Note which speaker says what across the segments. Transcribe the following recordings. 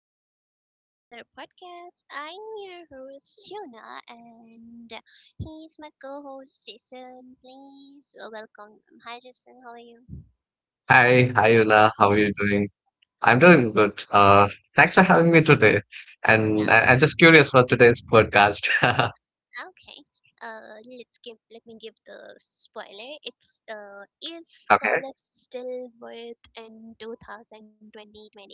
Speaker 1: back to another podcast. I'm your host Shona and he's my co-host Jason. Please welcome him. Hi Jason, how are you?
Speaker 2: Hi, Una, how are you doing? I'm doing good. Thanks for having me today.
Speaker 1: Yeah,
Speaker 2: And I'm just curious for today's podcast.
Speaker 1: okay. Let me give the spoiler. It's is
Speaker 2: Okay.
Speaker 1: college still worth in 2020?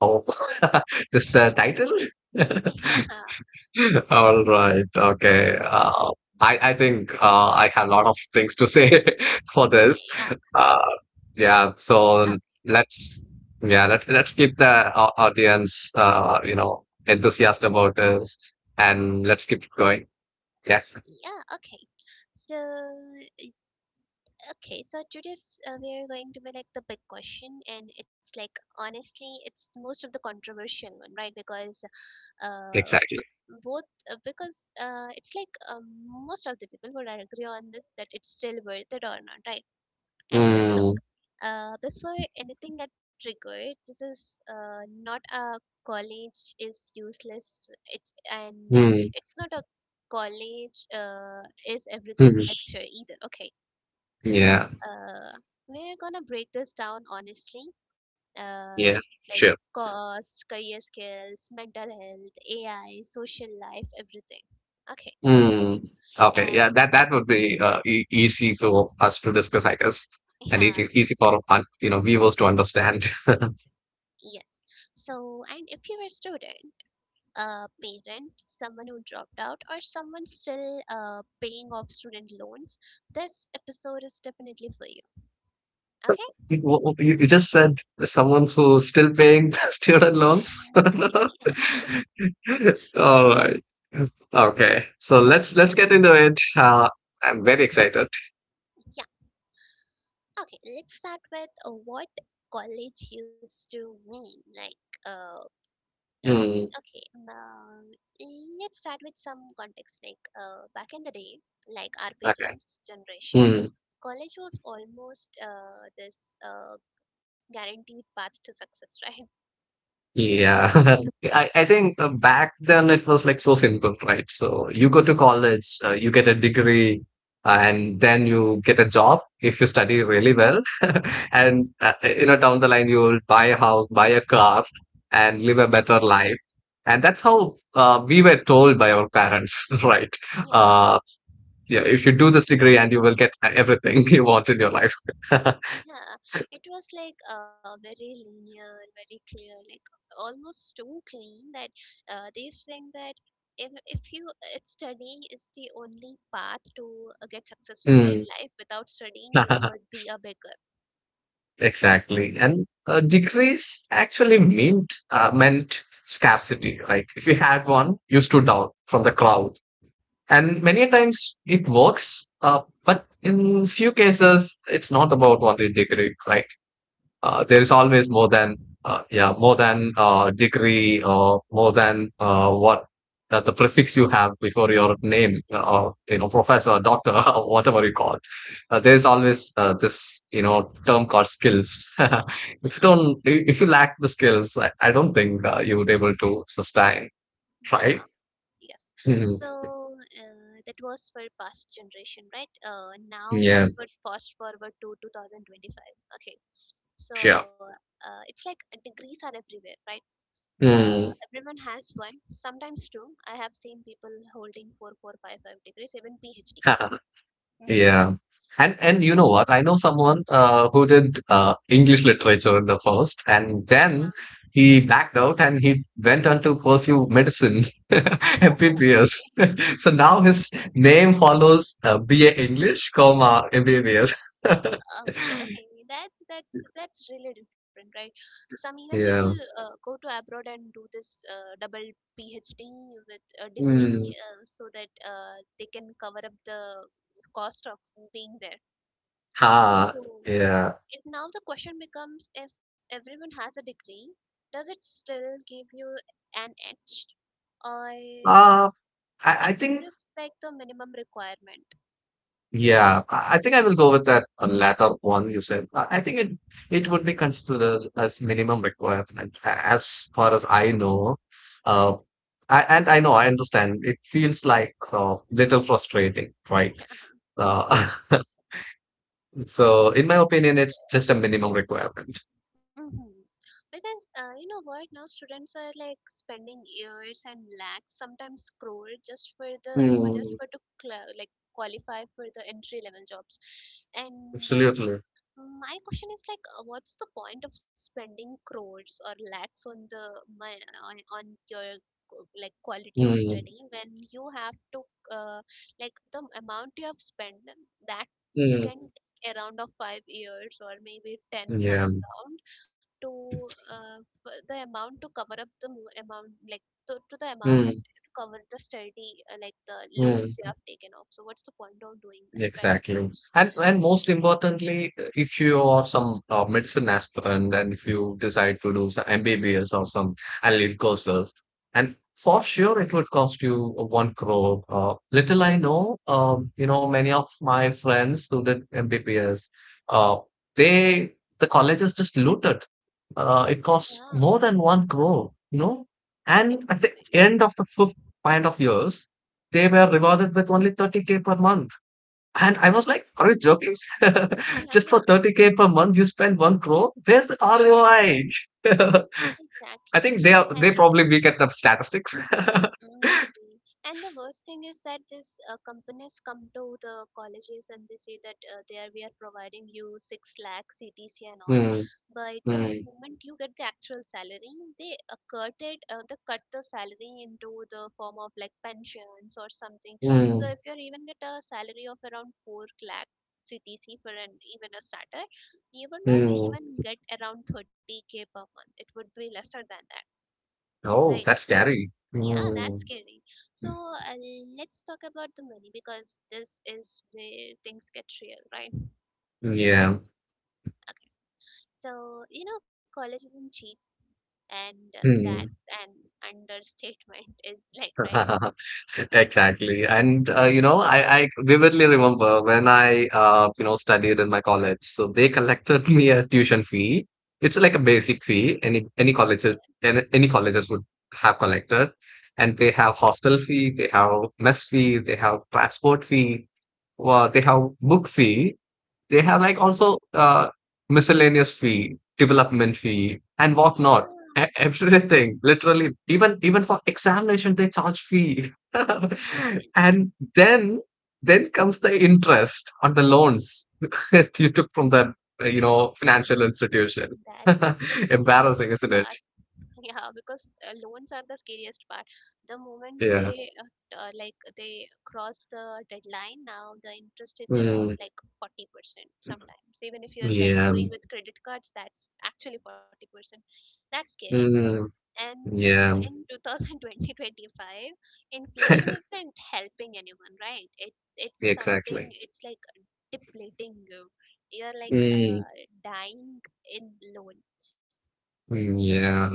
Speaker 2: Oh, just the title?
Speaker 1: Yeah,
Speaker 2: All right. Okay. I think I have a lot of things to say for this.
Speaker 1: yeah,
Speaker 2: Uh, yeah. So let's yeah let let's keep the audience enthusiastic about this, and let's keep going. Yeah.
Speaker 1: okay, yeah, okay. So Okay, so today's we are going to be like the big question, and it's like honestly, it's most of the controversial one, right? Because uh,
Speaker 2: Exactly.
Speaker 1: both because it's like most of the people would agree on this that it's still worth it or not, right? And look,
Speaker 2: Mm.
Speaker 1: before anything got triggered, this is not a college is useless. It's and uh,
Speaker 2: Hmm.
Speaker 1: it's not a college is everything
Speaker 2: Mm.
Speaker 1: lecture either. Okay,
Speaker 2: Yeah,
Speaker 1: uh, we're gonna break this down honestly, uh,
Speaker 2: yeah,
Speaker 1: like
Speaker 2: sure.
Speaker 1: cost, career skills, mental health, AI, social life, everything. Okay,
Speaker 2: Hmm. Okay, yeah,
Speaker 1: and
Speaker 2: that would be e easy for us to discuss, I guess, and
Speaker 1: yeah,
Speaker 2: easy for viewers to understand.
Speaker 1: yeah. So, and if you're a student, a parent, someone who dropped out, or someone still paying off student loans, this episode is definitely for you. Okay?
Speaker 2: You, you just said someone who's still paying student loans. All right. Okay, so let's get into it. I'm very excited.
Speaker 1: yeah. Okay, let's start with what college used to mean. Like, uh, uh,
Speaker 2: Hmm.
Speaker 1: okay um, let's start with some context like back in the day like our
Speaker 2: Okay.
Speaker 1: parents generation
Speaker 2: Hmm.
Speaker 1: college was almost this guaranteed path to success, right?
Speaker 2: Yeah, I think back then it was like so simple, right? So you go to college, you get a degree, and then you get a job if you study really well. And down the line, you will buy a house, buy a car, and live a better life. And that's how we were told by our parents, right?
Speaker 1: yeah
Speaker 2: Uh, yeah, if you do this degree and you will get everything you want in your life.
Speaker 1: yeah It was like very linear, very clear, like almost too clean that they used to think that if you if studying is the only path to get successful in
Speaker 2: Mm.
Speaker 1: life, without studying you would be a beggar.
Speaker 2: Exactly. And decrease actually meant meant scarcity. Like if you had one, you stood out from the crowd. And many a times it works, but in few cases, it's not about what they degrade, right?
Speaker 1: Mm,
Speaker 2: There is
Speaker 1: yes,
Speaker 2: always more than degree or more than what the prefix you have before your name, or professor, doctor, or whatever you call. There's always this term called skills. If you lack the skills, I don't think you would able to sustain,
Speaker 1: yeah,
Speaker 2: right?
Speaker 1: yes.
Speaker 2: Mhm.
Speaker 1: So that was for past generation, right? Now
Speaker 2: Yeah,
Speaker 1: we would fast forward to 2025. Okay.
Speaker 2: sure.
Speaker 1: So it's like degrees are everywhere, right?
Speaker 2: Mm.
Speaker 1: Everyone has one, sometimes two. I have seen people holding four, four, five, five degrees, even PhDs. Mm.
Speaker 2: Yeah. And you know what? I know someone who did English literature in the first, and
Speaker 1: Yeah.
Speaker 2: then he backed out and he went on to pursue medicine,
Speaker 1: Oh,
Speaker 2: MBBS.
Speaker 1: okay.
Speaker 2: So now his name follows BA English, comma MBBS.
Speaker 1: Okay, that that's really different, right? Some even people
Speaker 2: Yeah.
Speaker 1: go to abroad and do this double PhD with a
Speaker 2: Mm.
Speaker 1: degree so that they can cover up the cost of being there.
Speaker 2: Ha.
Speaker 1: So
Speaker 2: Yeah.
Speaker 1: now the question becomes: if everyone has a degree, does it still give you an edge, or
Speaker 2: Uh, I
Speaker 1: it's
Speaker 2: think
Speaker 1: just like the minimum requirement?
Speaker 2: Yeah, I think I will go with that latter one you said. I think it would be considered as minimum requirement, as far as I know. Uh, and I know, I understand. It feels like little frustrating, right?
Speaker 1: Yeah.
Speaker 2: Uh, so, in my opinion, it's just a
Speaker 1: With-
Speaker 2: minimum requirement.
Speaker 1: hmm Because you know what, now students are like spending years and lakhs, sometimes crore, just for just
Speaker 2: Mm,
Speaker 1: for to like qualify for the entry level jobs, and
Speaker 2: absolutely.
Speaker 1: my question is like, what's the point of spending crores or lakhs on the my, on your like quality of study
Speaker 2: Mm,
Speaker 1: when you have to uh, like the amount you have spent that can
Speaker 2: mm,
Speaker 1: take around of five years or maybe ten some
Speaker 2: yeah.
Speaker 1: round to uh, the amount to cover up the amount, like to the amount
Speaker 2: Mm,
Speaker 1: to cover the study, like the loans
Speaker 2: mm.
Speaker 1: you have taken off. So what's the point of doing that, right?
Speaker 2: Exactly. And most importantly, if you are some medicine aspirant and if you decide to do some MBBS or some allied courses, and for sure it would cost you 1 crore. Little I know, many of my friends who did MBBS, uh, the colleges just looted. It
Speaker 1: Yeah,
Speaker 2: costs more than one crore.
Speaker 1: it
Speaker 2: And
Speaker 1: would
Speaker 2: at the
Speaker 1: be.
Speaker 2: end of the fifth kind of years, they were rewarded with only 30K per month and I was like, "Are you joking?
Speaker 1: Yeah,
Speaker 2: Just for 30K per month, you spend 1 crore? Where's the ROI?" I I
Speaker 1: exactly.
Speaker 2: think they
Speaker 1: And
Speaker 2: probably weak at the statistics.
Speaker 1: maybe. And the worst thing is that these companies come to the colleges and they say that there we are providing you 6 lakh CTC and all.
Speaker 2: Mm,
Speaker 1: But the
Speaker 2: mm,
Speaker 1: moment you get the actual salary, they cut it, they cut the salary into the form of like pensions or something. So
Speaker 2: mm,
Speaker 1: if you're even get a salary of around 4 lakh CTC for an even a starter, you would not
Speaker 2: mm.
Speaker 1: even get around 30K per month. It would be lesser than that,
Speaker 2: Oh,
Speaker 1: right?
Speaker 2: that's scary.
Speaker 1: Yeah, that's
Speaker 2: Mm,
Speaker 1: scary. So uh, let's talk about the money, because this is where things get real, right?
Speaker 2: yeah.
Speaker 1: Okay. So you know, college isn't cheap, and that's
Speaker 2: Mm.
Speaker 1: an understatement. Is like right?
Speaker 2: Exactly. And I vividly remember when I studied in my college. So they collected me a tuition fee. It's like a basic fee. Any any college
Speaker 1: Okay.
Speaker 2: any, any colleges would have collected. And they have hostel fee, they have mess fee, they have transport fee, well, they have book fee. They have like also miscellaneous fee, development fee, and
Speaker 1: Yeah.
Speaker 2: whatnot. Everything, literally, even for examination, they charge fee.
Speaker 1: Oh my god,
Speaker 2: And then comes the interest on the loans that you took from the financial institution.
Speaker 1: that's the scariest
Speaker 2: Embarrassing, isn't
Speaker 1: part.
Speaker 2: it?
Speaker 1: Yeah, because loans are the scariest part. The moment
Speaker 2: Yeah.
Speaker 1: they like they cross the deadline, now the interest is about
Speaker 2: Mm,
Speaker 1: like 40% sometimes. Even if you're like
Speaker 2: yeah.
Speaker 1: doing with credit cards, that's actually 40%. That's scary.
Speaker 2: Mm,
Speaker 1: And
Speaker 2: yeah.
Speaker 1: in two thousand twenty twenty five, inflation isn't helping anyone, right? It's something.
Speaker 2: Exactly.
Speaker 1: It's like depleting you. You're like
Speaker 2: Mm,
Speaker 1: dying in loans.
Speaker 2: mm, yeah.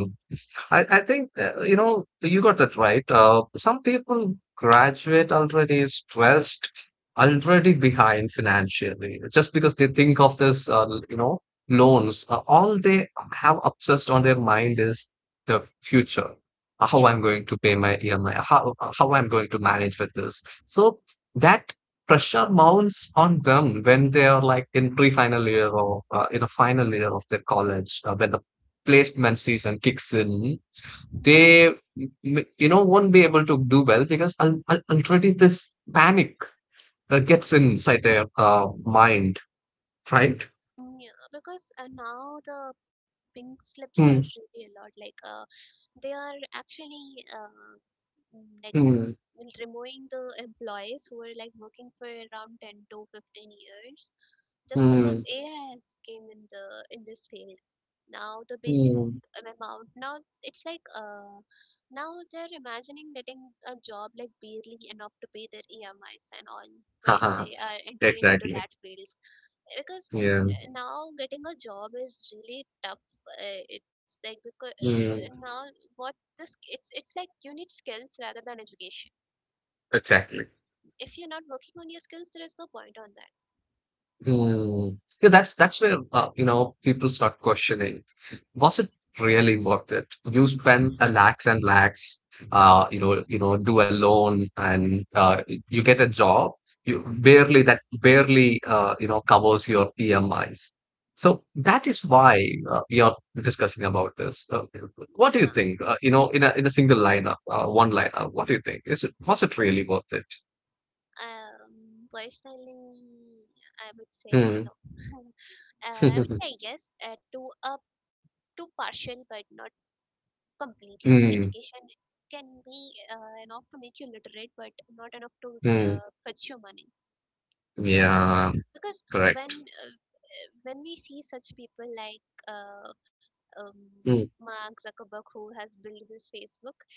Speaker 2: I think, you got that right. Some people graduate already stressed, already behind financially, just because they think of this, you know, loans. All they have obsessed on their mind is the future. How I'm
Speaker 1: Yes.
Speaker 2: going to pay my EMI, how I'm going to manage with this. So that pressure mounts on them when they are like in pre-final year or in a final year of their college, when the placement season kicks in, they won't be able to do well because already this panic gets inside their mind, right?
Speaker 1: Mm, yeah, because now the pink slips are
Speaker 2: Hmm.
Speaker 1: really a lot. Like they are actually like
Speaker 2: Hmm.
Speaker 1: removing the employees who are like working for around 10 to 15 years just because
Speaker 2: Hmm.
Speaker 1: AI has came in the in this field. Now the basic
Speaker 2: Hmm.
Speaker 1: amount. Now it's like now they're imagining getting a job like barely enough to pay their EMIs and all. Right?
Speaker 2: Haha.
Speaker 1: They are entering into that
Speaker 2: Exactly.
Speaker 1: field because
Speaker 2: Yeah.
Speaker 1: now getting a job is really tough. It's like because
Speaker 2: Hmm.
Speaker 1: now what this it's like you need skills rather than education.
Speaker 2: Exactly.
Speaker 1: If you're not working on your skills, there is no point on that.
Speaker 2: Mm. Yeah, that's where people start questioning. Was it really worth it? You spend a lakhs and lakhs, do a loan, and you get a job. You barely that barely covers your EMIs. So that is why we are discussing about this.
Speaker 1: Yeah.
Speaker 2: What do you think? In a single lineup, one lineup. What do you think? Is it was it really worth it?
Speaker 1: Personally, I would say
Speaker 2: Hmm.
Speaker 1: no. I would say yes to a to partial but not completely.
Speaker 2: Hmm.
Speaker 1: Education can be enough to make you literate, but not enough to
Speaker 2: Hmm.
Speaker 1: fetch you money
Speaker 2: Yeah.
Speaker 1: because
Speaker 2: Correct.
Speaker 1: when uh, when we see such people like uh, um,
Speaker 2: Mm,
Speaker 1: Mark Zuckerberg, who has built this Facebook,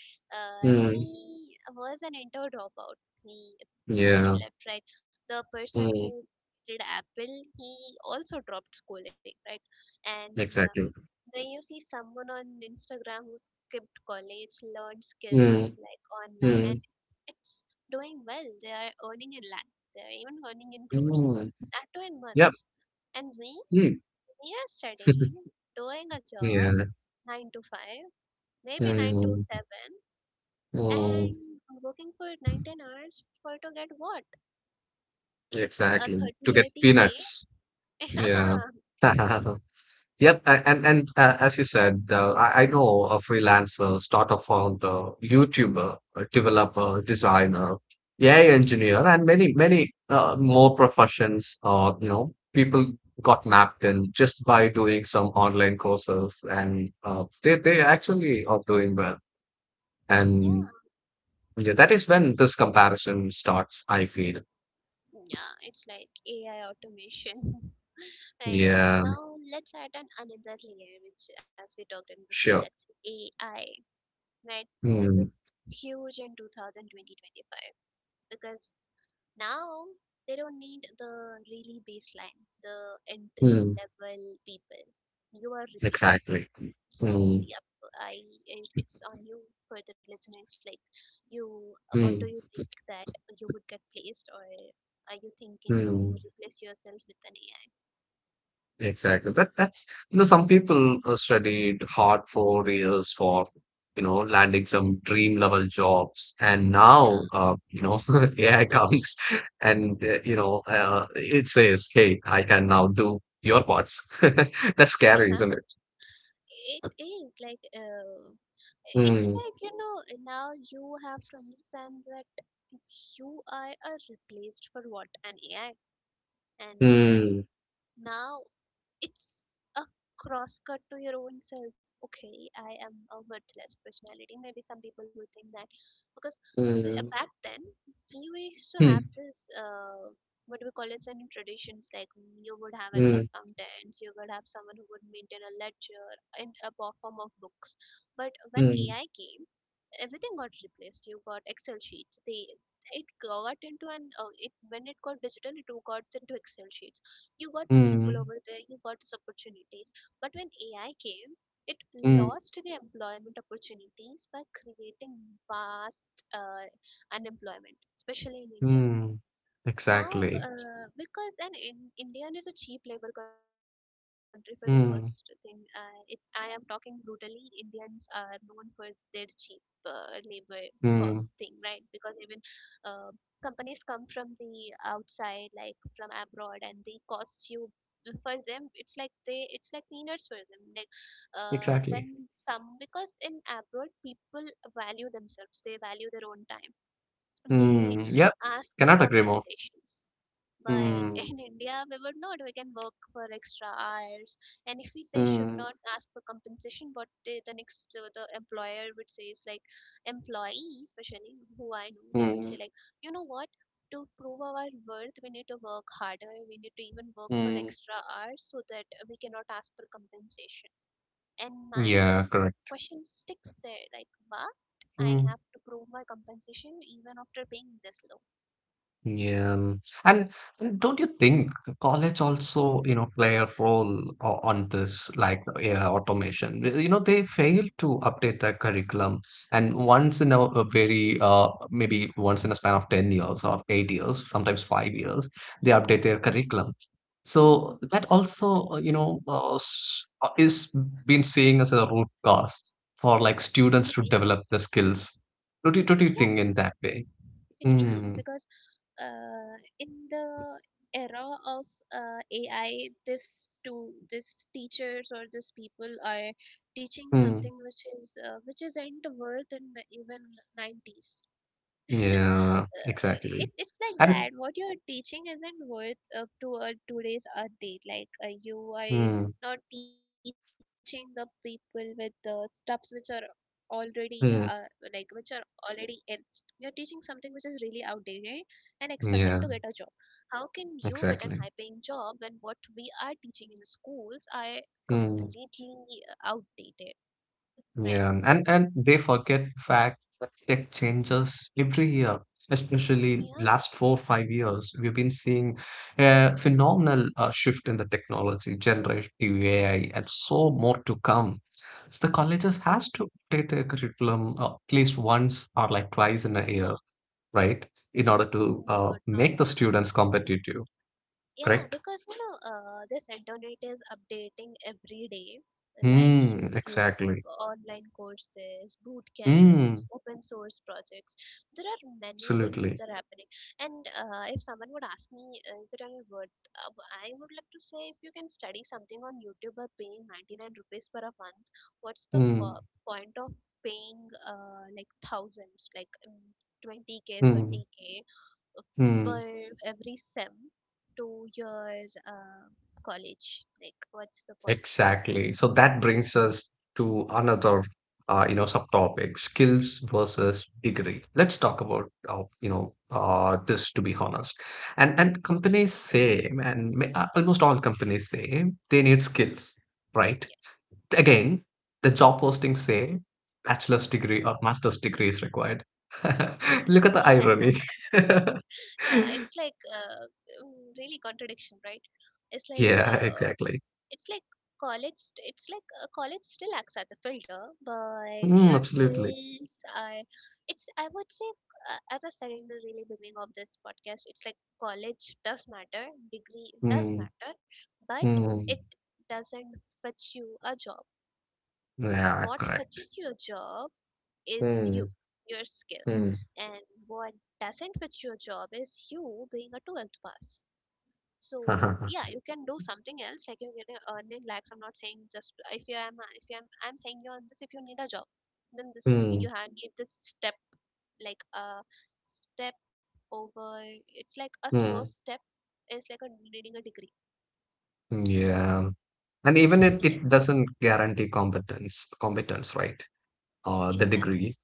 Speaker 2: mm,
Speaker 1: he was an inter dropout. He
Speaker 2: yeah.
Speaker 1: he left right. The person
Speaker 2: Mm,
Speaker 1: who did Apple, he also dropped schooling, right? And
Speaker 2: exactly.
Speaker 1: when you see someone on Instagram who skipped college, learned skills
Speaker 2: Mm,
Speaker 1: like online, and
Speaker 2: mm,
Speaker 1: it's doing well, they are earning in lakhs, they are even earning in crores,
Speaker 2: mm.
Speaker 1: that too in
Speaker 2: Yep.
Speaker 1: months. And we,
Speaker 2: Mm.
Speaker 1: we are studying, doing a job,
Speaker 2: Yeah.
Speaker 1: 9 to 5, maybe 9 to
Speaker 2: Mm, mm,
Speaker 1: 7, and working for 9 ten hours for to get what? A
Speaker 2: exactly. To get
Speaker 1: 30 80K?
Speaker 2: peanuts.
Speaker 1: yeah,
Speaker 2: Yeah. Yep, and as you said, I know a freelancer, startup founder, YouTuber, a developer, designer, AI engineer, and many more professions. People got mapped in just by doing some online courses, and they actually are doing well. And yeah, that is when this comparison starts, I feel.
Speaker 1: yeah, it's like AI automation. Right.
Speaker 2: Yeah,
Speaker 1: Now let's add an another layer, which as we talked in before,
Speaker 2: sure.
Speaker 1: that's AI, right? This
Speaker 2: Mm,
Speaker 1: is huge in two thousand twenty twenty five because now they don't need the really baseline, the entry
Speaker 2: mm,
Speaker 1: level people. You are replaced.
Speaker 2: exactly.
Speaker 1: So,
Speaker 2: Mm,
Speaker 1: yep, I it's on you. For the listeners, like, you, what do you
Speaker 2: mm,
Speaker 1: think, that you would get placed, or are you thinking to
Speaker 2: mm.
Speaker 1: replace yourself with an AI?
Speaker 2: Exactly. That's some people studied hard for years for landing some dream level jobs, and
Speaker 1: Yeah.
Speaker 2: now AI comes and it says, "Hey, I can now do your parts." That's scary, isn't it?
Speaker 1: It is like it's
Speaker 2: Mm,
Speaker 1: like you know, now you have to understand that you are a replaced for what an AI, and
Speaker 2: mm,
Speaker 1: now it's a cross cut to your own self. Okay, I am a worthless personality. Maybe some people will think that because
Speaker 2: mm,
Speaker 1: back then we used to have
Speaker 2: mm,
Speaker 1: this what do we call it? Certain traditions, like mm, you would have
Speaker 2: mm,
Speaker 1: accountants, you would have someone who would maintain a ledger in a form of books. But when
Speaker 2: mm,
Speaker 1: AI came, everything got replaced. You got excel sheets. They it got into an it When it got digital, it got into excel sheets. You got people
Speaker 2: mm,
Speaker 1: over there, you got these opportunities. But when AI came, it
Speaker 2: mm,
Speaker 1: lost the employment opportunities by creating vast unemployment, especially in India.
Speaker 2: mm.
Speaker 1: Now
Speaker 2: Exactly.
Speaker 1: because indian is a cheap labor country for the first thing,
Speaker 2: Mm,
Speaker 1: I am talking brutally, indians are known for their cheap labor for thing, right?
Speaker 2: mm,
Speaker 1: Because even uh, companies come from the outside, like from abroad, and they cost you. For them, it's like peanuts for them. Like when
Speaker 2: exactly.
Speaker 1: some because in abroad, people value themselves, they value their own time, they
Speaker 2: Mm, yep.
Speaker 1: ask for
Speaker 2: Cannot agree more.
Speaker 1: compensations. But
Speaker 2: Mm.
Speaker 1: in India, we would not. We can work for extra hours, and if we say should
Speaker 2: Mm,
Speaker 1: not ask for compensation, what the next the employer would say is like employee, especially who I know, they would say
Speaker 2: mm,
Speaker 1: like, you know what? To prove our worth, we need to work harder. We need to even work for
Speaker 2: mm.
Speaker 1: extra hours so that we cannot ask for compensation. And my
Speaker 2: Yeah, correct.
Speaker 1: question sticks there like, what? I
Speaker 2: Mhm.
Speaker 1: have to prove my compensation even after paying this low.
Speaker 2: Yeah, and don't you think college also, play a role on this like yeah, automation? Well, they fail to update their curriculum, and once in a very maybe once in a span of 10 years or 8 years, sometimes 5 years, they update their curriculum. So that also, is been seen as a root cause for like
Speaker 1: Mm,
Speaker 2: students
Speaker 1: it
Speaker 2: to develop
Speaker 1: is.
Speaker 2: the skills. Don't you
Speaker 1: Yeah,
Speaker 2: think in that way?
Speaker 1: it is because in the era of AI, this to this teachers or this people are teaching
Speaker 2: Mm.
Speaker 1: something which is which isn't worth in the even nineties.
Speaker 2: Yeah,
Speaker 1: uh,
Speaker 2: exactly.
Speaker 1: it's like
Speaker 2: And
Speaker 1: that what you're teaching isn't worth up to a today's update. Like you are
Speaker 2: mm,
Speaker 1: not teaching the people with the stuffs which are already like
Speaker 2: mm,
Speaker 1: which are already in you're teaching something which is really outdated and expecting to get a job.
Speaker 2: yeah,
Speaker 1: How can you get an high paying
Speaker 2: exactly.
Speaker 1: job when what we are teaching in schools are
Speaker 2: Mm,
Speaker 1: completely outdated, right?
Speaker 2: yeah, and they forget the fact that tech changes every year. Especially
Speaker 1: yeah
Speaker 2: last 4-5 years, we've been seeing a phenomenal shift in the technology, generative AI, and so more to come. So the colleges has to update their curriculum at least once or like twice in a year, right? In order to
Speaker 1: they would not.
Speaker 2: make the students competitive,
Speaker 1: Yeah,
Speaker 2: correct?
Speaker 1: because you know, this internet is updating every day, like
Speaker 2: Mm,
Speaker 1: YouTube,
Speaker 2: exactly.
Speaker 1: online courses, boot camps,
Speaker 2: Mm,
Speaker 1: open source projects. There are many things which
Speaker 2: absolutely.
Speaker 1: are happening. And if someone would ask me, is it any worth? Uh, I would like to say, if you can study something on YouTube by paying 99 rupees per a month, what's the
Speaker 2: Mm,
Speaker 1: point of paying like thousands, 20K,
Speaker 2: mm,
Speaker 1: 30K
Speaker 2: mm,
Speaker 1: per every sem to your college. Like, what's the point?
Speaker 2: exactly. So that brings us to another, subtopic: skills versus degree. Let's talk about, this to be honest. And companies say, almost all companies say they need skills, right?
Speaker 1: Yes.
Speaker 2: Again, the job postings say bachelor's degree or master's degree is required.
Speaker 1: Yeah,
Speaker 2: Look at the irony.
Speaker 1: yeah. It's like really contradiction, right? It's like
Speaker 2: Yeah,
Speaker 1: uh,
Speaker 2: exactly.
Speaker 1: it's like It's like college still acts as a filter, but
Speaker 2: Mm,
Speaker 1: your
Speaker 2: absolutely.
Speaker 1: skills are. It's I would say as I said in the really beginning of this podcast, it's like college does matter, degree does
Speaker 2: Mm,
Speaker 1: matter, but
Speaker 2: mm.
Speaker 1: it doesn't fetch you a job.
Speaker 2: Yeah,
Speaker 1: What
Speaker 2: correct.
Speaker 1: fetches your job is
Speaker 2: Mm,
Speaker 1: you, your skill,
Speaker 2: mm.
Speaker 1: and what doesn't fetch your job is you being a 12th pass. So yeah, you can do something else like you're getting earning lakhs. I'm not saying, just if you am I'm saying you're on this. If you need a job, then this
Speaker 2: Mm,
Speaker 1: you have need this step, like a step over. It's like a first
Speaker 2: mm.
Speaker 1: step is like a needing a degree.
Speaker 2: Yeah. And even
Speaker 1: Mhm.
Speaker 2: it,
Speaker 1: Yeah,
Speaker 2: it doesn't guarantee competence, right? Or
Speaker 1: it
Speaker 2: the
Speaker 1: doesn't.
Speaker 2: degree.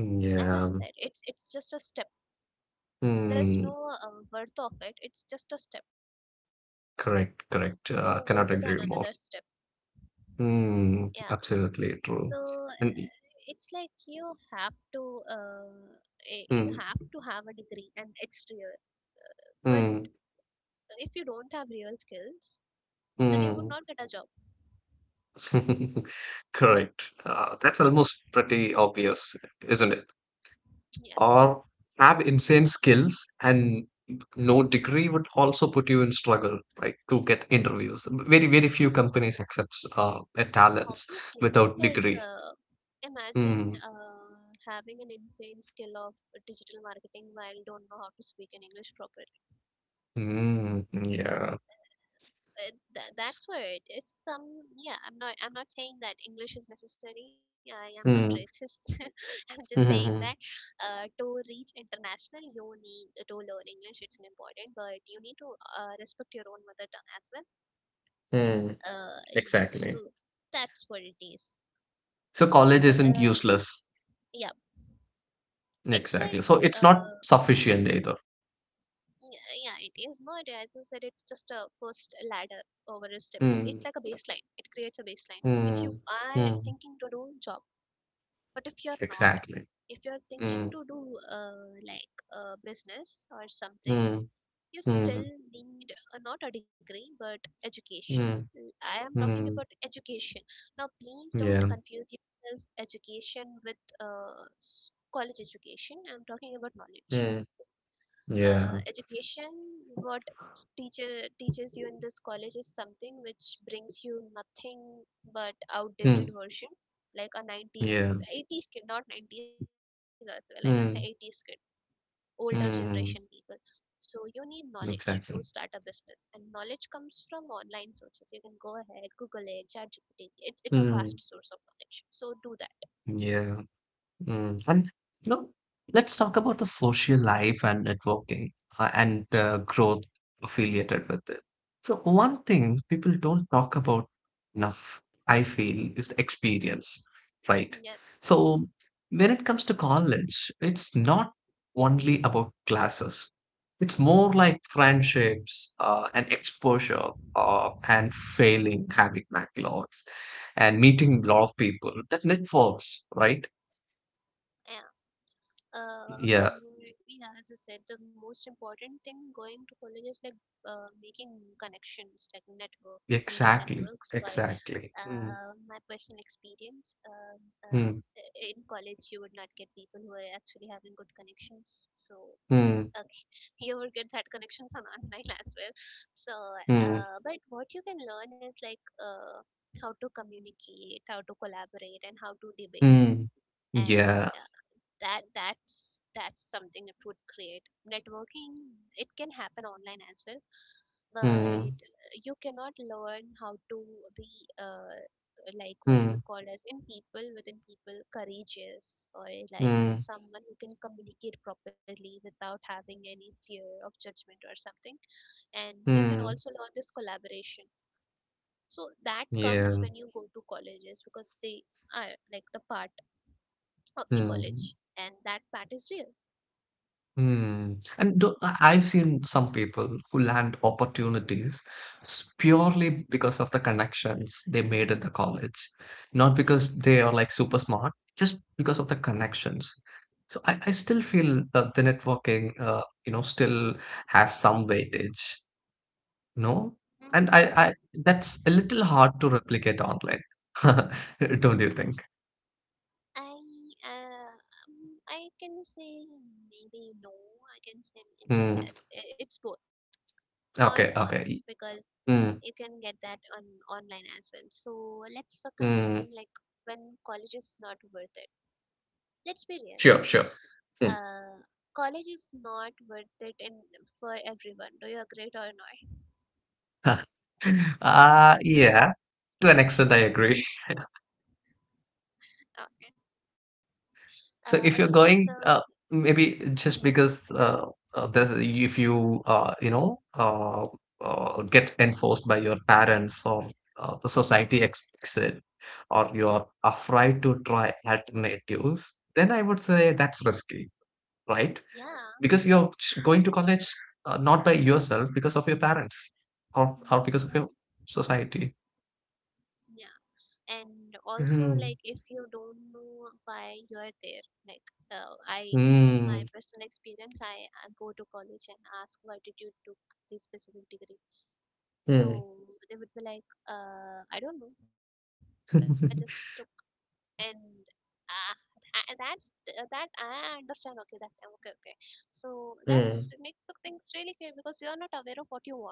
Speaker 2: Mm.
Speaker 1: As I
Speaker 2: Yeah.
Speaker 1: said, it's just a step. There is
Speaker 2: Mm,
Speaker 1: no worth of it, it's just a step to go
Speaker 2: correct,
Speaker 1: to the
Speaker 2: correct.
Speaker 1: another step.
Speaker 2: Cannot agree more.
Speaker 1: Yeah,
Speaker 2: Mm,
Speaker 1: so
Speaker 2: absolutely
Speaker 1: uh,
Speaker 2: true.
Speaker 1: it's
Speaker 2: And y-
Speaker 1: like you have to uh, you have to
Speaker 2: mm,
Speaker 1: have a degree and exterior, but
Speaker 2: mm,
Speaker 1: if you don't have real skills then you would
Speaker 2: mm.
Speaker 1: not get a job.
Speaker 2: Correct. That's almost pretty obvious, isn't it?
Speaker 1: Yes,
Speaker 2: Or have insane skills and no degree would also put you in struggle, right, to get interviews. Very few companies accepts talents
Speaker 1: obviously.
Speaker 2: without
Speaker 1: Like
Speaker 2: degree.
Speaker 1: imagine
Speaker 2: Mm,
Speaker 1: uh, having an insane skill of digital marketing while don't know how to speak in English properly.
Speaker 2: mm, yeah.
Speaker 1: That's where it is some. Yeah, I'm not saying that English is necessary, I am not
Speaker 2: Mm,
Speaker 1: racist. I'm just saying that
Speaker 2: mm,
Speaker 1: to reach international you need to learn English, it's an important, but you need to respect your own mother tongue as well.
Speaker 2: mm,
Speaker 1: uh, yes,
Speaker 2: exactly.
Speaker 1: so that's what it is.
Speaker 2: So college
Speaker 1: So
Speaker 2: isn't
Speaker 1: uh,
Speaker 2: useless.
Speaker 1: yeah. It's like
Speaker 2: Exactly, so it's not
Speaker 1: uh,
Speaker 2: sufficient either.
Speaker 1: yeah, yeah, it is not, as I said, it's just a first ladder over a step. It's like
Speaker 2: Mm,
Speaker 1: a baseline, it creates a baseline if you
Speaker 2: mm,
Speaker 1: are
Speaker 2: mm,
Speaker 1: thinking to do job. But if you're not,
Speaker 2: exactly.
Speaker 1: if you're thinking
Speaker 2: Mm,
Speaker 1: to do like a business or something,
Speaker 2: mm,
Speaker 1: you still
Speaker 2: mm,
Speaker 1: need not a degree but education.
Speaker 2: mm,
Speaker 1: I am talking about
Speaker 2: mm,
Speaker 1: education. Now please don't
Speaker 2: yeah.
Speaker 1: confuse yourself education with uh, s- college education, I'm talking about knowledge.
Speaker 2: Mm, yeah.
Speaker 1: Education, what teacher teaches you in this college is something which brings you nothing but outdated
Speaker 2: Hmm.
Speaker 1: version, like a
Speaker 2: Yeah.
Speaker 1: 90s 80s kid. Not 90s as well, I will say 80s kid,
Speaker 2: Mm,
Speaker 1: older generation people.
Speaker 2: mm,
Speaker 1: So you need knowledge to start a
Speaker 2: exactly.
Speaker 1: business, and knowledge comes from online sources. You can go ahead, google it, ChatGPT. It's a vast
Speaker 2: Mm,
Speaker 1: source of knowledge, so do that.
Speaker 2: yeah. Mm. And you know, let's talk about the social life and networking and
Speaker 1: Yes.
Speaker 2: the growth affiliated with it. So one
Speaker 1: Mhm.
Speaker 2: thing people don't talk about enough, I feel, is the experience, right?
Speaker 1: Yes.
Speaker 2: So when it comes to college, it's not only about classes. It's more like friendships and exposure and failing, having backlogs and meeting a lot of people. That networks, right? Yeah,
Speaker 1: One more, yeah, as I said, the most important thing going to college is like making connections, like networks, building
Speaker 2: exactly,
Speaker 1: networks. But
Speaker 2: exactly. Mm,
Speaker 1: my personal experience,
Speaker 2: mm,
Speaker 1: in college, you would not get people who are actually having good connections. So
Speaker 2: mm,
Speaker 1: okay, you will get that connections on online as well. So,
Speaker 2: mm,
Speaker 1: but what you can learn is like how to communicate, how to collaborate, and how to debate.
Speaker 2: mm.
Speaker 1: And
Speaker 2: Yeah.
Speaker 1: uh, that's something, it would create networking. It can happen online as well, but
Speaker 2: Mm,
Speaker 1: you cannot learn how to be uh, like what do we
Speaker 2: mm,
Speaker 1: call as in people within people, courageous, or like
Speaker 2: mm,
Speaker 1: someone who can communicate properly without having any fear of judgment or something. And you can
Speaker 2: mm.
Speaker 1: also learn this collaboration. So that comes
Speaker 2: Yeah.
Speaker 1: when you go to colleges, because they are like the part of the
Speaker 2: Mm.
Speaker 1: college, and that part is real.
Speaker 2: Hmm. And I've seen some people who land opportunities purely because of the connections they made at the college, not because they are like super smart, just because of the connections. So I still feel the networking, still has some weightage, no? And I,
Speaker 1: Mhm.
Speaker 2: I that's a little hard to replicate online, don't you think?
Speaker 1: I uh, I can say maybe no. I can say maybe
Speaker 2: Hmm.
Speaker 1: yes. It's both, not
Speaker 2: Okay,
Speaker 1: one,
Speaker 2: okay.
Speaker 1: because you
Speaker 2: Hmm.
Speaker 1: can get that on online as well. So let's suck on something
Speaker 2: Hmm.
Speaker 1: like when college is not worth it. Let's be real.
Speaker 2: Sure, sure. Hmm.
Speaker 1: Uh, College is not worth it in for everyone. Do you agree or not?
Speaker 2: Huh. Yeah, to an extent, I agree.
Speaker 1: Okay.
Speaker 2: So
Speaker 1: Okay.
Speaker 2: if you're
Speaker 1: So,
Speaker 2: going, maybe
Speaker 1: hmm.
Speaker 2: just because if you you know get enforced by your parents or the society expects it, or you're afraid to try alternatives, then I would say that's risky, right?
Speaker 1: Yeah.
Speaker 2: Because you're going to college not by yourself, because of your parents or because of
Speaker 1: Hmm.
Speaker 2: your society.
Speaker 1: And also like
Speaker 2: Hmm.
Speaker 1: if you don't know why you are there, like I my
Speaker 2: Hmm.
Speaker 1: personal experience, I go to college and ask, why did you took this specific degree?
Speaker 2: Hmm.
Speaker 1: So they would be like I don't know, I just took. And ah, that's that I understand, okay, that time, okay, okay. So that makes the
Speaker 2: Mm,
Speaker 1: things really clear, because you are not aware of what you want,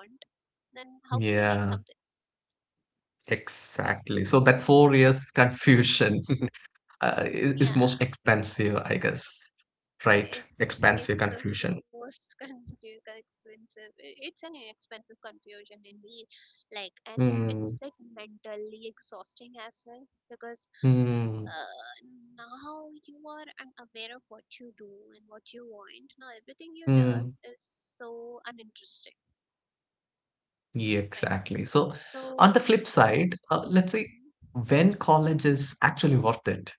Speaker 1: then how can you make
Speaker 2: yeah,
Speaker 1: something?
Speaker 2: exactly. So that 4 years confusion is most
Speaker 1: Yeah.
Speaker 2: expensive, I guess, right?
Speaker 1: Eh, yes,
Speaker 2: Expensive
Speaker 1: it's the
Speaker 2: confusion.
Speaker 1: most confusing, expensive. It's an expensive confusion indeed. Like, and it's
Speaker 2: Mm,
Speaker 1: like mentally exhausting as well, because
Speaker 2: mm,
Speaker 1: uh, now you are unaware of what you do and what you want. Now everything you
Speaker 2: mm,
Speaker 1: does is so uninteresting,
Speaker 2: yeah,
Speaker 1: right?
Speaker 2: exactly. So on the
Speaker 1: So.
Speaker 2: flip side, let's say
Speaker 1: Mhm.
Speaker 2: when college is actually worth it.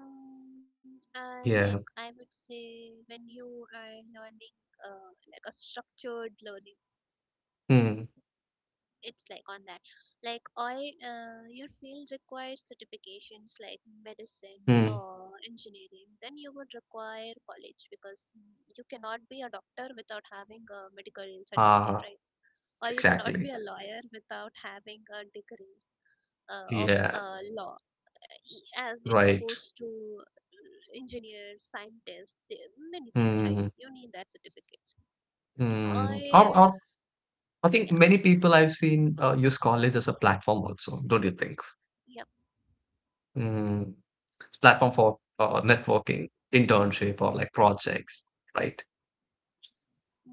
Speaker 1: Mm, like
Speaker 2: Yeah.
Speaker 1: I would say, when you are learning, like a structured learning,
Speaker 2: Mm,
Speaker 1: it's like on that, like I your field requires certifications like medicine,
Speaker 2: mm,
Speaker 1: law, engineering, then you would require college, because mm, you cannot be a doctor without having a medical certificate,
Speaker 2: ah,
Speaker 1: right? Or you cannot be
Speaker 2: exactly.
Speaker 1: a lawyer without having a degree of
Speaker 2: Yeah,
Speaker 1: law. As it
Speaker 2: right.
Speaker 1: goes to engineers, scientists, many things, right?
Speaker 2: Mm,
Speaker 1: You need that certificates.
Speaker 2: mm. Or,
Speaker 1: I.
Speaker 2: or I think
Speaker 1: Yeah.
Speaker 2: many people I've seen use college as a platform also, don't you think?
Speaker 1: Yep.
Speaker 2: Mm, it's platform for networking, internship, or like projects, right?
Speaker 1: Hmm.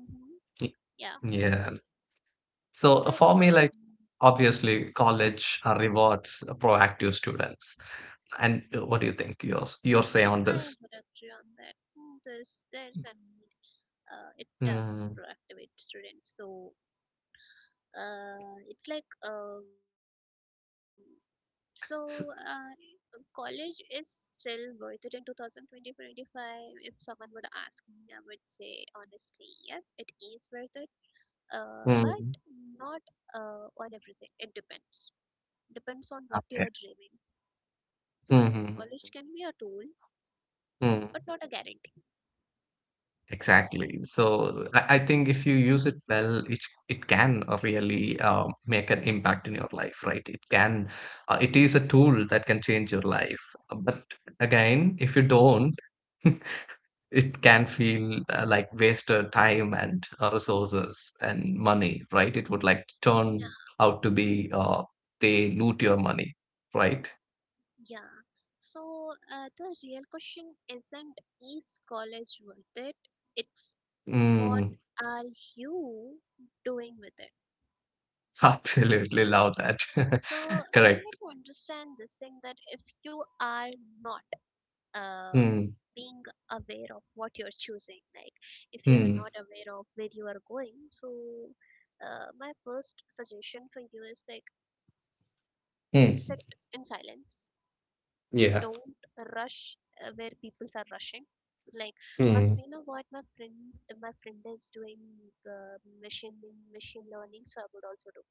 Speaker 2: Y-
Speaker 1: Yeah,
Speaker 2: Yeah.
Speaker 1: it's
Speaker 2: So
Speaker 1: like
Speaker 2: for me,
Speaker 1: um.
Speaker 2: like obviously, college rewards proactive students. And what
Speaker 1: Mm.
Speaker 2: do you think? Yours, your say on
Speaker 1: I
Speaker 2: this?
Speaker 1: would agree on that. Mm, there's a need. It does
Speaker 2: Mm,
Speaker 1: proactivate students. So it's like so
Speaker 2: s-
Speaker 1: college is still worth it in 2025. If someone would ask me, I would say honestly, yes, it is worth it. But
Speaker 2: mm,
Speaker 1: not on everything. It depends. Depends on what you're
Speaker 2: okay.
Speaker 1: dreaming. So
Speaker 2: Hmm.
Speaker 1: college can be a tool, but not a guarantee.
Speaker 2: Exactly. So I think if you use it well, it can really make an impact in your life, right? It can, it is a tool that can change your life. But again, if you don't, it can feel like wasted time and resources and money, right? It would like turn out to be they loot your money, right?
Speaker 1: Yeah. So the real question isn't is college worth it? It's what
Speaker 2: Mm,
Speaker 1: are you doing with it?
Speaker 2: absolutely love that.
Speaker 1: So you need
Speaker 2: Correct.
Speaker 1: to understand this thing, that if you are not uh,
Speaker 2: Mm,
Speaker 1: being aware of what you're choosing, like if you are
Speaker 2: mm,
Speaker 1: not aware of where you are going, so my first suggestion for you is like sit
Speaker 2: mm.
Speaker 1: in silence,
Speaker 2: Yeah.
Speaker 1: don't rush where people are rushing. Like, my
Speaker 2: Hmm.
Speaker 1: you know what, my friend, my friend is doing uh, machine machine learning, so I would also do.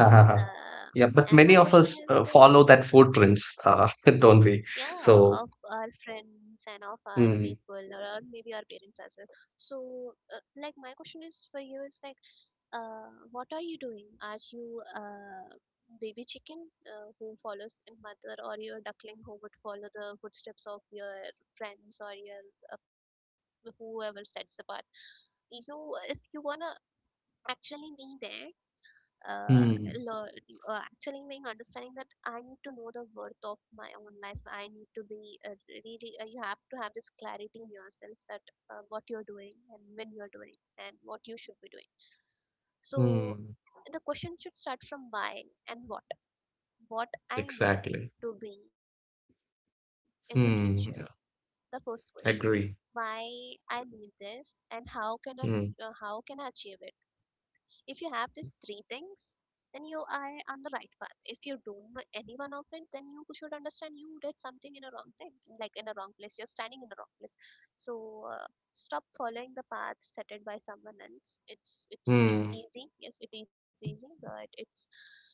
Speaker 2: Ha, ha, ha.
Speaker 1: uh,
Speaker 2: Yeah, but
Speaker 1: and
Speaker 2: many
Speaker 1: my
Speaker 2: of
Speaker 1: question
Speaker 2: us
Speaker 1: is like,
Speaker 2: follow that food trends, don't we?
Speaker 1: yeah, of
Speaker 2: So,
Speaker 1: our friends and of our people,
Speaker 2: hmm,
Speaker 1: or maybe our parents as well. So like my question is for you is like, what are you doing? Are you baby chicken who follows in mother, or your duckling who would follow the footsteps of your friends or your uh, whoever sets the path? You, if you wanna actually be there, uh,
Speaker 2: hmm,
Speaker 1: lear- actually being understanding that I need to know the worth of my own life. I need to be really. You have to have this clarity in yourself that what you're doing and when you're doing and what you should be doing. So
Speaker 2: hmm,
Speaker 1: the question should start from why and what. What I need
Speaker 2: exactly.
Speaker 1: to be in the future. The first
Speaker 2: Yeah,
Speaker 1: question: why
Speaker 2: agree.
Speaker 1: I need this, and how can
Speaker 2: Hmm,
Speaker 1: I achieve it? If you have these three things, then you are on the right path. If you don't know any one of it, then you should understand you did something in a wrong time, like in a wrong place. You're standing in the wrong place. So stop following the path set by someone else. It's
Speaker 2: hmm,
Speaker 1: easy. Yes, it is easy, but it's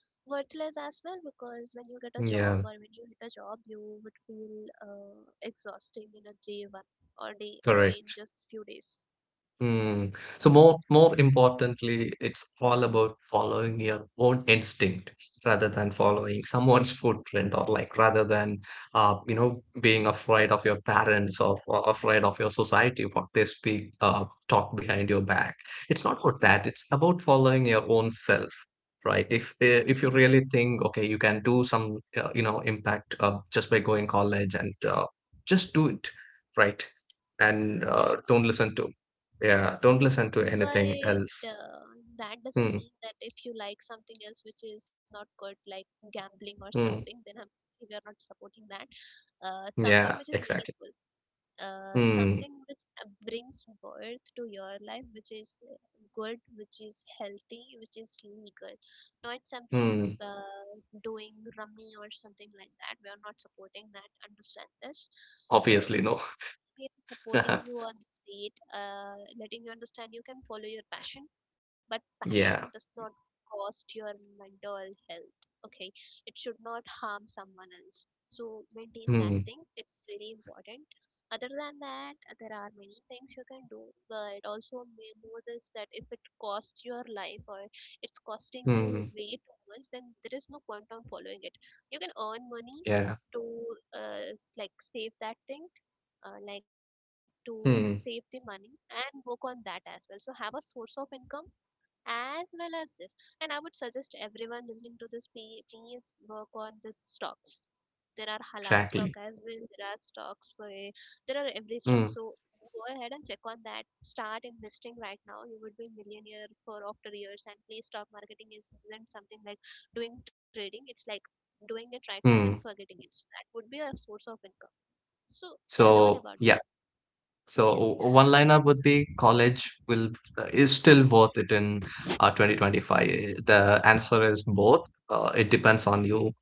Speaker 1: worthless as well, because when you get a job or
Speaker 2: yeah,
Speaker 1: when you hit a job, you would feel exhausting in a day one, or day maybe in
Speaker 2: correct.
Speaker 1: just few days.
Speaker 2: Hmm. So more importantly, it's all about following your own instinct rather than
Speaker 1: Yes.
Speaker 2: following someone's footprint or like rather than being afraid of your parents or afraid of your society what they speak talk behind your back. It's not about that. It's about following your own self, right? If you really think okay, you can do some impact just by going college and just do it, right? And
Speaker 1: Yeah.
Speaker 2: don't listen to yeah, don't listen to anything
Speaker 1: But
Speaker 2: else.
Speaker 1: that doesn't
Speaker 2: Hmm.
Speaker 1: mean that if you like something else which is not good, like gambling or
Speaker 2: Hmm.
Speaker 1: something, then we are not supporting that. Something
Speaker 2: Yeah,
Speaker 1: which is
Speaker 2: exactly.
Speaker 1: meaningful,
Speaker 2: Hmm.
Speaker 1: something which brings worth to your life, which is good, which is healthy, which is legal, not something
Speaker 2: Hmm.
Speaker 1: doing rummy or something like that. We are not supporting that. Understand this. Uh,
Speaker 2: Obviously, no.
Speaker 1: People supporting you on the state, letting you understand you can follow your passion, but passion does
Speaker 2: Yeah.
Speaker 1: not cost your mental health. Okay, it should not harm someone else. So maintain that
Speaker 2: Hmm.
Speaker 1: thing. It's really important. Other than that, there are many things you can do, but also know this, that if it costs your life, or it's costing you
Speaker 2: Hmm.
Speaker 1: way too much, then there is no point on following it. You can earn money
Speaker 2: Yeah.
Speaker 1: to like save that thing, like to save the
Speaker 2: Hmm.
Speaker 1: money and work on that as well, so have a source of income as well as this. And I would suggest everyone listening to this, please work on this stocks. There are halal stock
Speaker 2: Exactly.
Speaker 1: as well, there are stocks for, there are every stock.
Speaker 2: Hmm.
Speaker 1: So go ahead and check on that, start investing right now, you would be millionaire for after years. And please, stock marketing is isn't something like doing trading, it's like doing it right now and
Speaker 2: Hmm.
Speaker 1: forgetting it. So that would be a source of income. So learn about
Speaker 2: So,
Speaker 1: that.
Speaker 2: yeah. So
Speaker 1: Yes.
Speaker 2: one lineup would be college will is still worth it in 2025. The answer is both. It depends on you.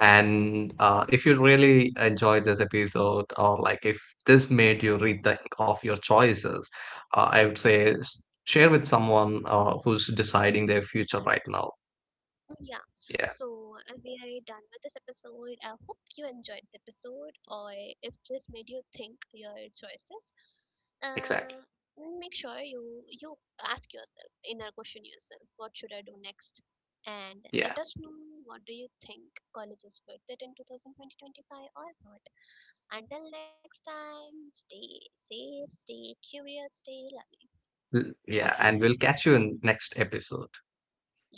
Speaker 2: And if you really enjoyed this episode, or like if this made you rethink of your choices, I would say share with someone who's deciding their future right now.
Speaker 1: Oh, yeah.
Speaker 2: Yeah,
Speaker 1: So we are done with this episode. I hope you enjoyed the episode, or if this made you think your choices,
Speaker 2: exactly.
Speaker 1: uh, make sure you ask yourself, inner question yourself, what should I do next? And
Speaker 2: Yeah.
Speaker 1: let us know, what do you think, college is worth it in two thousand twenty twenty five or not. Until next time, stay safe, stay curious, stay loving.
Speaker 2: Yeah.
Speaker 1: Okay.
Speaker 2: And we'll catch you in next episode.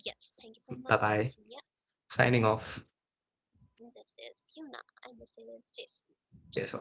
Speaker 1: Yes. Thank you so
Speaker 2: Bye
Speaker 1: much.
Speaker 2: bye.
Speaker 1: Yeah.
Speaker 2: Signing off.
Speaker 1: This is Yuna, and this is Jason.
Speaker 2: Cheers.